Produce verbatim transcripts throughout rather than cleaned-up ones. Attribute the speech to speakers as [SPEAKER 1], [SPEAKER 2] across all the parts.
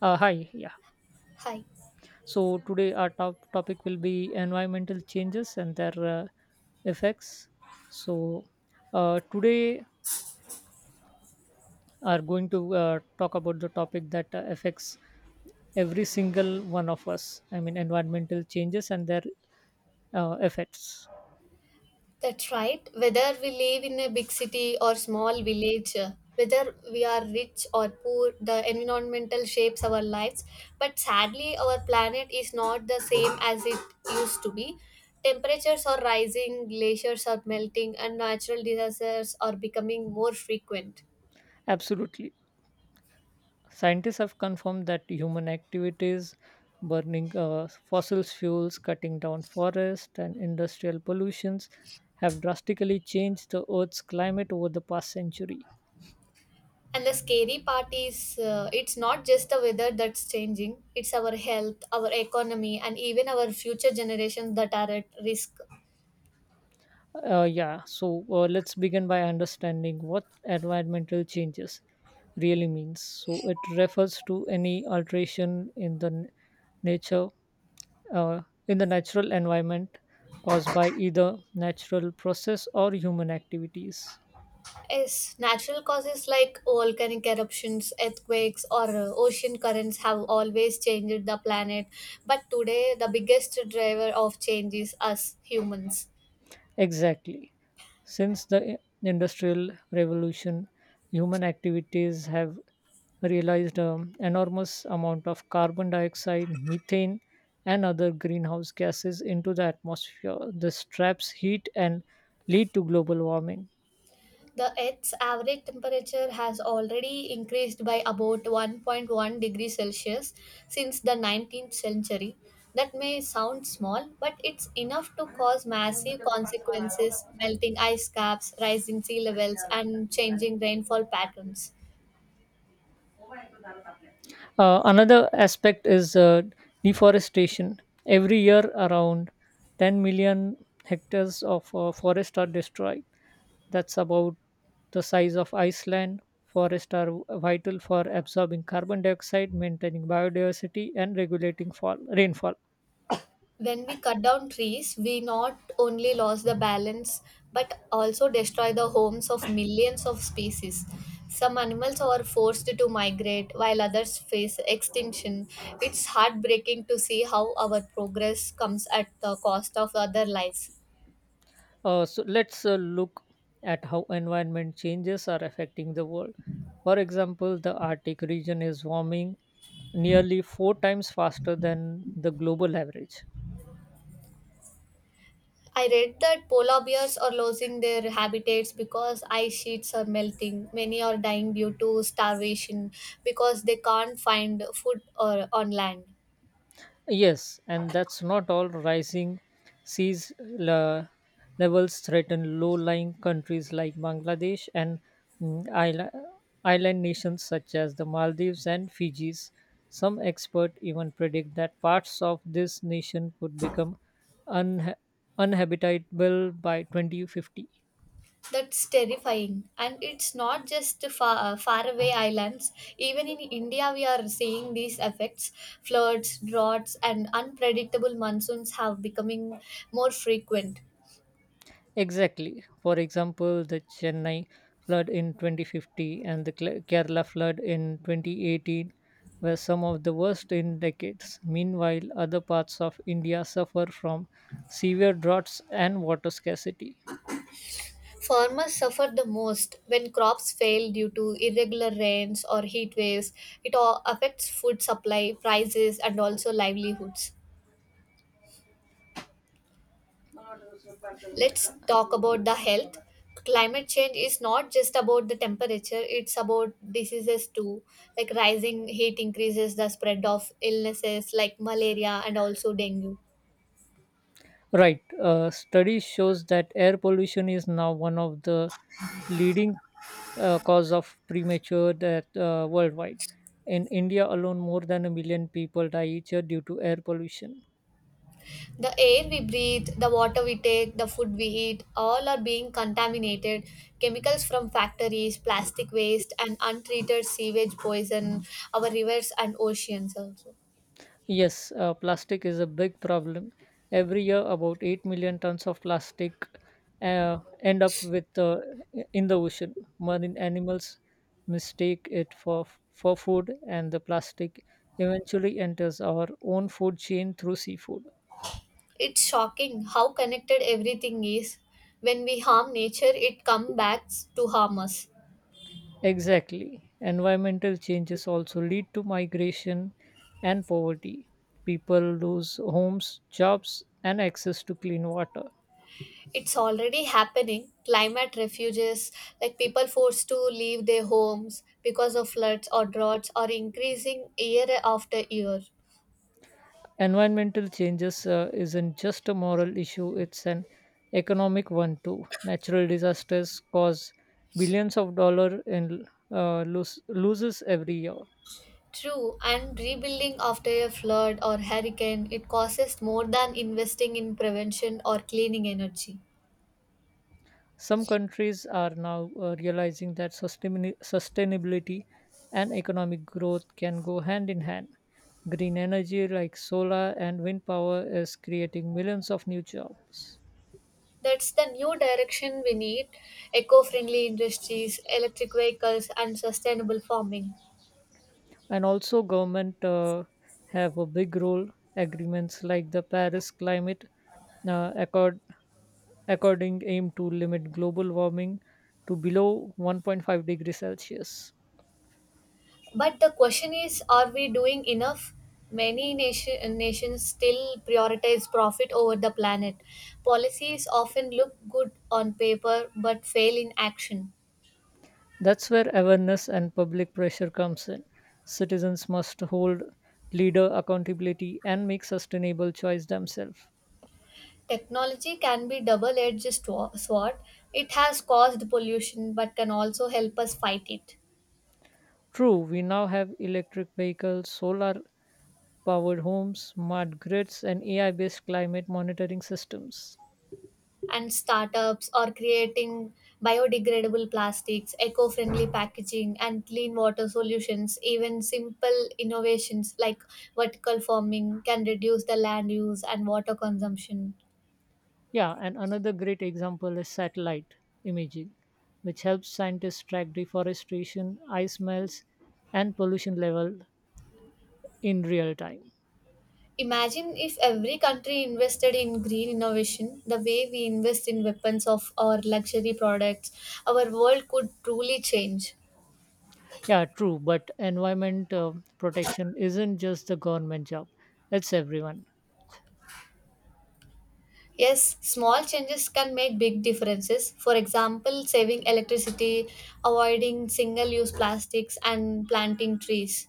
[SPEAKER 1] Uh, hi, yeah.
[SPEAKER 2] Hi.
[SPEAKER 1] So today our top topic will be environmental changes and their uh, effects. So uh, today are going to uh, talk about the topic that uh, affects every single one of us. I mean, environmental changes and their uh, effects.
[SPEAKER 2] That's right. Whether we live in a big city or small village, uh, whether we are rich or poor, the environmental shapes our lives. But sadly, our planet is not the same as it used to be. Temperatures are rising, glaciers are melting, and natural disasters are becoming more frequent.
[SPEAKER 1] Absolutely. Scientists have confirmed that human activities, burning uh, fossil fuels, cutting down forests, and industrial pollutions have drastically changed the Earth's climate over the past century.
[SPEAKER 2] And the scary part is, uh, it's not just the weather that's changing, it's our health, our economy, and even our future generations that are at risk.
[SPEAKER 1] Uh, yeah, so uh, let's begin by understanding what environmental changes really means. So it refers to any alteration in the n- nature, uh, in the natural environment caused by either natural process or human activities.
[SPEAKER 2] Yes, natural causes like volcanic eruptions, earthquakes, or uh, ocean currents have always changed the planet. But today, the biggest driver of change is us humans.
[SPEAKER 1] Exactly. Since the Industrial Revolution, human activities have realized an enormous amount of carbon dioxide, methane, and other greenhouse gases into the atmosphere. This traps heat and lead to global warming.
[SPEAKER 2] The Earth's average temperature has already increased by about one point one degrees Celsius since the nineteenth century. That may sound small, but it's enough to cause massive consequences melting ice caps, rising sea levels, and changing rainfall patterns.
[SPEAKER 1] Uh, another aspect is uh, deforestation. Every year, around ten million hectares of uh, forest are destroyed. That's about the size of Iceland. Forests are vital for absorbing carbon dioxide, maintaining biodiversity, and regulating fall, rainfall.
[SPEAKER 2] When we cut down trees, we not only lose the balance but also destroy the homes of millions of species. Some animals are forced to migrate while others face extinction. It's heartbreaking to see how our progress comes at the cost of other lives.
[SPEAKER 1] Uh, so let's uh, look at how environment changes are affecting the world. For example, the Arctic region is warming nearly four times faster than the global average.
[SPEAKER 2] I read that polar bears are losing their habitats because ice sheets are melting. Many are dying due to starvation because they can't find food or on land.
[SPEAKER 1] Yes, and that's not all. Rising seas le- levels threaten low lying countries like Bangladesh and mm, isla- island nations such as the Maldives and Fijis. Some experts even predict that parts of this nation could become unha- uninhabitable by twenty fifty.
[SPEAKER 2] That's terrifying. And it's not just the far, faraway islands. Even in India, we are seeing these effects. Floods, droughts, and unpredictable monsoons have becoming more frequent.
[SPEAKER 1] Exactly. For example, the Chennai flood in twenty fifty and the Kla- Kerala flood in twenty eighteen were some of the worst in decades. Meanwhile, other parts of India suffer from severe droughts and water scarcity.
[SPEAKER 2] Farmers suffer the most when crops fail due to irregular rains or heat waves. It all affects food supply, prices, and also livelihoods. Let's talk about the health. Climate change is not just about the temperature, it's about diseases too. Like rising heat increases the spread of illnesses like malaria and also dengue.
[SPEAKER 1] Right. Uh, study shows that air pollution is now one of the leading uh, cause of premature death uh, worldwide. In India alone, more than a million people die each year due to air pollution.
[SPEAKER 2] The air we breathe, the water we take, the food we eat, all are being contaminated. Chemicals from factories, plastic waste, and untreated sewage poison our rivers and oceans also.
[SPEAKER 1] Yes, uh, plastic is a big problem. Every year, about eight million tons of plastic uh, end up with uh, in the ocean. Marine animals mistake it for for food, and the plastic eventually enters our own food chain through seafood.
[SPEAKER 2] It's shocking how connected everything is. When we harm nature, it comes back to harm us.
[SPEAKER 1] Exactly. Environmental changes also lead to migration and poverty. People lose homes, jobs, and access to clean water.
[SPEAKER 2] It's already happening. Climate refuges, like people forced to leave their homes because of floods or droughts, are increasing year after year.
[SPEAKER 1] Environmental changes uh, isn't just a moral issue, it's an economic one too. Natural disasters cause billions of dollars in uh, los- loses every year.
[SPEAKER 2] True, and rebuilding after a flood or hurricane, it costs more than investing in prevention or cleaning energy.
[SPEAKER 1] Some countries are now uh, realizing that sustainabili- sustainability and economic growth can go hand in hand. Green energy like solar and wind power is creating millions of new jobs.
[SPEAKER 2] That's the new direction we need eco friendly industries, electric vehicles, and sustainable farming.
[SPEAKER 1] And also government uh, have a big role. Agreements like the Paris Climate uh, Accord according aim to limit global warming to below one point five degrees Celsius.
[SPEAKER 2] But the question is, are we doing enough? Many nation, nations still prioritize profit over the planet. Policies often look good on paper but fail in action.
[SPEAKER 1] That's where awareness and public pressure comes in. Citizens must hold leader accountability and make sustainable choice themselves.
[SPEAKER 2] Technology can be double edged sword. It has caused pollution but can also help us fight it.
[SPEAKER 1] True, we now have electric vehicles, solar powered homes, smart grids, and AI based climate monitoring systems.
[SPEAKER 2] And startups are creating biodegradable plastics, eco friendly packaging, and clean water solutions. Even simple innovations like vertical farming can reduce the land use and water consumption.
[SPEAKER 1] Yeah, and another great example is satellite imaging, which helps scientists track deforestation, ice melts, and pollution level in real time.
[SPEAKER 2] Imagine if every country invested in green innovation the way we invest in weapons of our luxury products, our world could truly change.
[SPEAKER 1] Yeah, true, but environment uh, protection isn't just the government job, it's everyone.
[SPEAKER 2] Yes, small changes can make big differences. For example, saving electricity, avoiding single use plastics, and planting trees.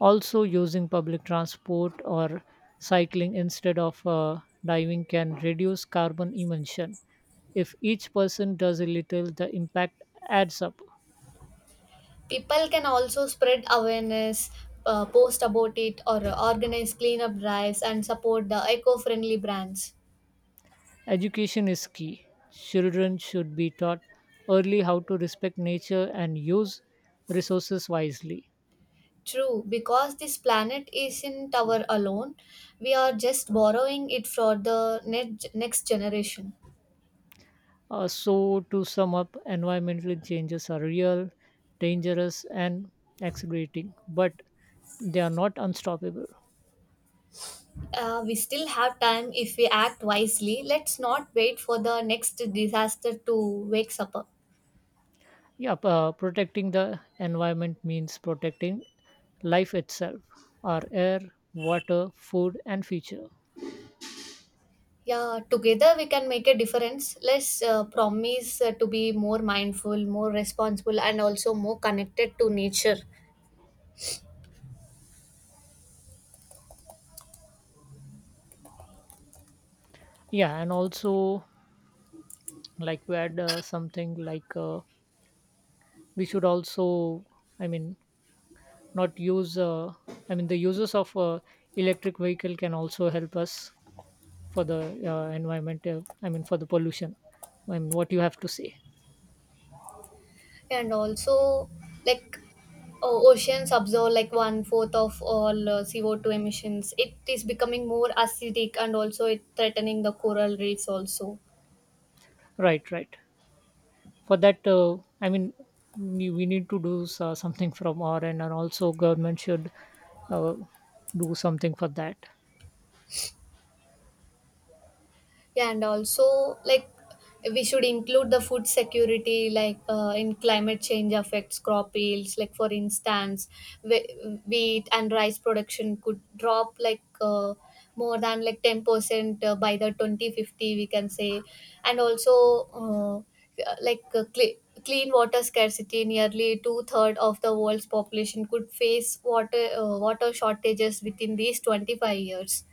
[SPEAKER 1] Also, using public transport or cycling instead of uh, diving can reduce carbon emission. If each person does a little, the impact adds up.
[SPEAKER 2] People can also spread awareness, uh, post about it, or organize cleanup drives and support the eco friendly brands.
[SPEAKER 1] Education is key. Children should be taught early how to respect nature and use resources wisely.
[SPEAKER 2] True, because this planet isn't our alone, we are just borrowing it for the ne- next generation.
[SPEAKER 1] Uh, so, to sum up, environmental changes are real, dangerous, and accelerating, but they are not unstoppable.
[SPEAKER 2] Uh, we still have time if we act wisely. Let's not wait for the next disaster to wake us up.
[SPEAKER 1] Yeah, p- uh, protecting the environment means protecting life itself, our air, water, food, and future.
[SPEAKER 2] Yeah, together we can make a difference. Let's uh, promise uh, to be more mindful, more responsible, and also more connected to nature.
[SPEAKER 1] Yeah, and also like to add uh, something like. Uh, we should also, I mean, not use uh, I mean the uses of uh, electric vehicle can also help us for the uh, environment, uh, I mean for the pollution. I mean, what you have to say?
[SPEAKER 2] And also, like, o- oceans absorb like one fourth of all uh, C O two emissions. It is becoming more acidic and also it threatening the coral reefs also.
[SPEAKER 1] Right, right, for that, uh, I mean, we we need to do s- uh, something from our end, and also government should uh, do something for that.
[SPEAKER 2] Yeah, and also like we should include the food security, like, uh, in climate change affects crop yields. Like for instance, whe- wheat and rice production could drop like, uh, more than like ten percent uh, by the twenty fifty, we can say, and also uh, like uh, cle clean water scarcity. Nearly two third of the world's population could face water uh, water shortages within these twenty-five years.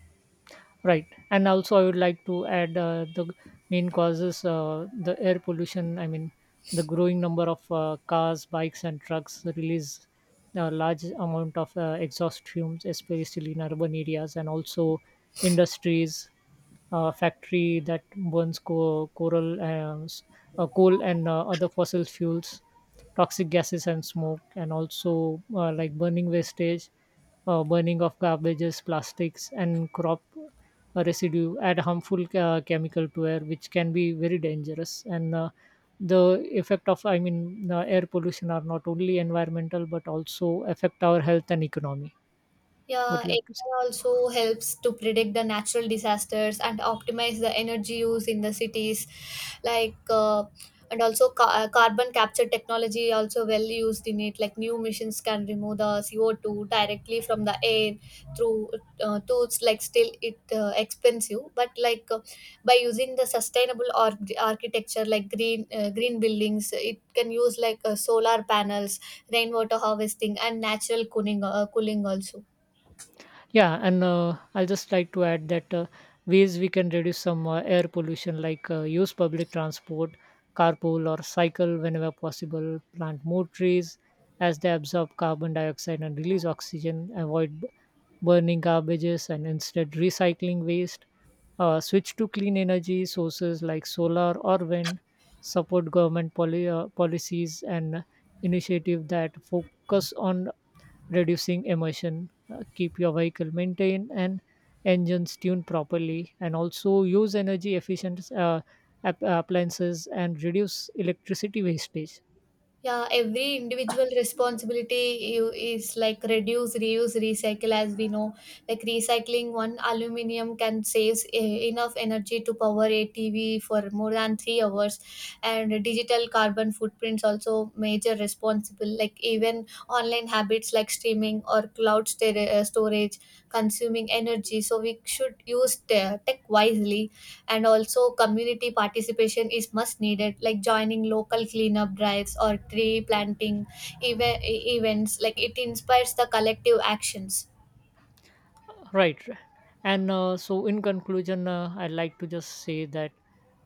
[SPEAKER 1] Right, and also I would like to add uh, the g- main causes: uh, the air pollution. I mean, the growing number of uh, cars, bikes, and trucks release a large amount of uh, exhaust fumes, especially in urban areas, and also industries, uh, factory that burns co- coral, uh, s- uh, coal, and uh, other fossil fuels, toxic gases and smoke, and also uh, like burning wastage, uh, burning of garbages, plastics, and crop uh, residue add harmful uh, chemical to air, which can be very dangerous. And uh, the effect of, I mean, uh, air pollution are not only environmental but also affect our health and economy. What
[SPEAKER 2] Yeah,
[SPEAKER 1] do you have to say?
[SPEAKER 2] A I also helps to predict the natural disasters and optimize the energy use in the cities, like uh, and also ca- uh, carbon capture technology also well used in it. Like new missions can remove the C O two directly from the air through uh, tools. Like still it uh, expensive, but like, uh, by using the sustainable or- architecture, like green uh, green buildings, it can use like uh, solar panels, rainwater harvesting, and natural cooling uh, cooling also.
[SPEAKER 1] Yeah, and uh, I'll just like to add that uh, ways we can reduce some uh, air pollution, like uh, use public transport, carpool or cycle whenever possible, plant more trees as they absorb carbon dioxide and release oxygen, avoid b- burning garbages and instead recycling waste, uh, switch to clean energy sources like solar or wind, support government poli- uh, policies and initiative that focus on reducing emission, uh, keep your vehicle maintained and engines tuned properly, and also use energy efficient uh, app- appliances and reduce electricity wastage.
[SPEAKER 2] Yeah, every individual responsibility you- is like reduce, reuse, recycle, as we know. Like recycling one aluminium can save eh, enough energy to power a T V for more than three hours, and digital carbon footprints also major responsible. Like even online habits like streaming or cloud sta- uh, storage consuming energy. So we should use te- tech wisely and also community participation is much needed like joining local cleanup drives or tree planting eve- events like it inspires the collective actions.
[SPEAKER 1] Right. Right. And uh, so, in conclusion, uh, I'd like to just say that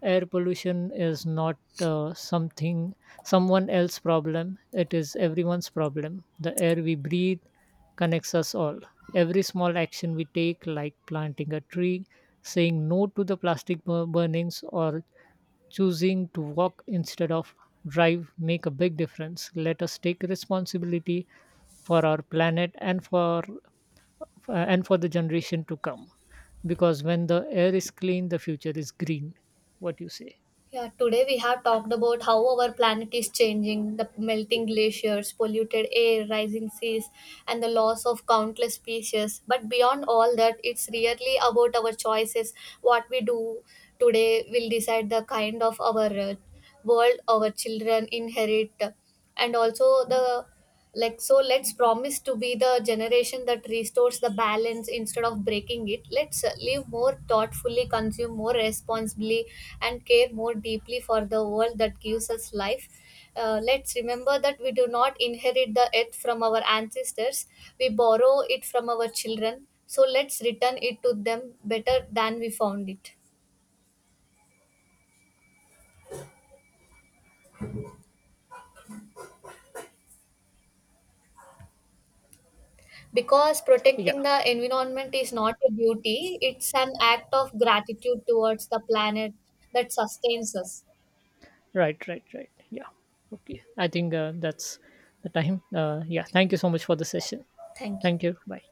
[SPEAKER 1] air pollution is not uh, something someone else problem. It is everyone's problem. The air we breathe connects us all. Every small action we take, like planting a tree, saying no to the plastic bur- burnings, or choosing to walk instead of drive, make a big difference. Let us take responsibility for our planet and for f- uh, and for the generation to come, because when the air is clean, the future is green. What you say?
[SPEAKER 2] Yeah, today we have talked about how our planet is changing, the melting glaciers, polluted air, rising seas, and the loss of countless species. But beyond all that, it's really about our choices. What we do today will decide the kind of our uh, world our children inherit, and also the, like, so let's promise to be the generation that restores the balance instead of breaking it. Let's uh, live more thoughtfully, consume more responsibly, and care more deeply for the world that gives us life. Uh, let's remember that we do not inherit the earth from our ancestors, we borrow it from our children, so let's return it to them better than we found it. Because
[SPEAKER 1] Yeah.
[SPEAKER 2] protecting the environment is not a duty, it's an act of gratitude towards the planet that sustains us.
[SPEAKER 1] Right, right, right, yeah. Okay, I think uh, that's the time. Uh, yeah, thank you so much for the session.
[SPEAKER 2] Thank you.
[SPEAKER 1] Thank you, bye.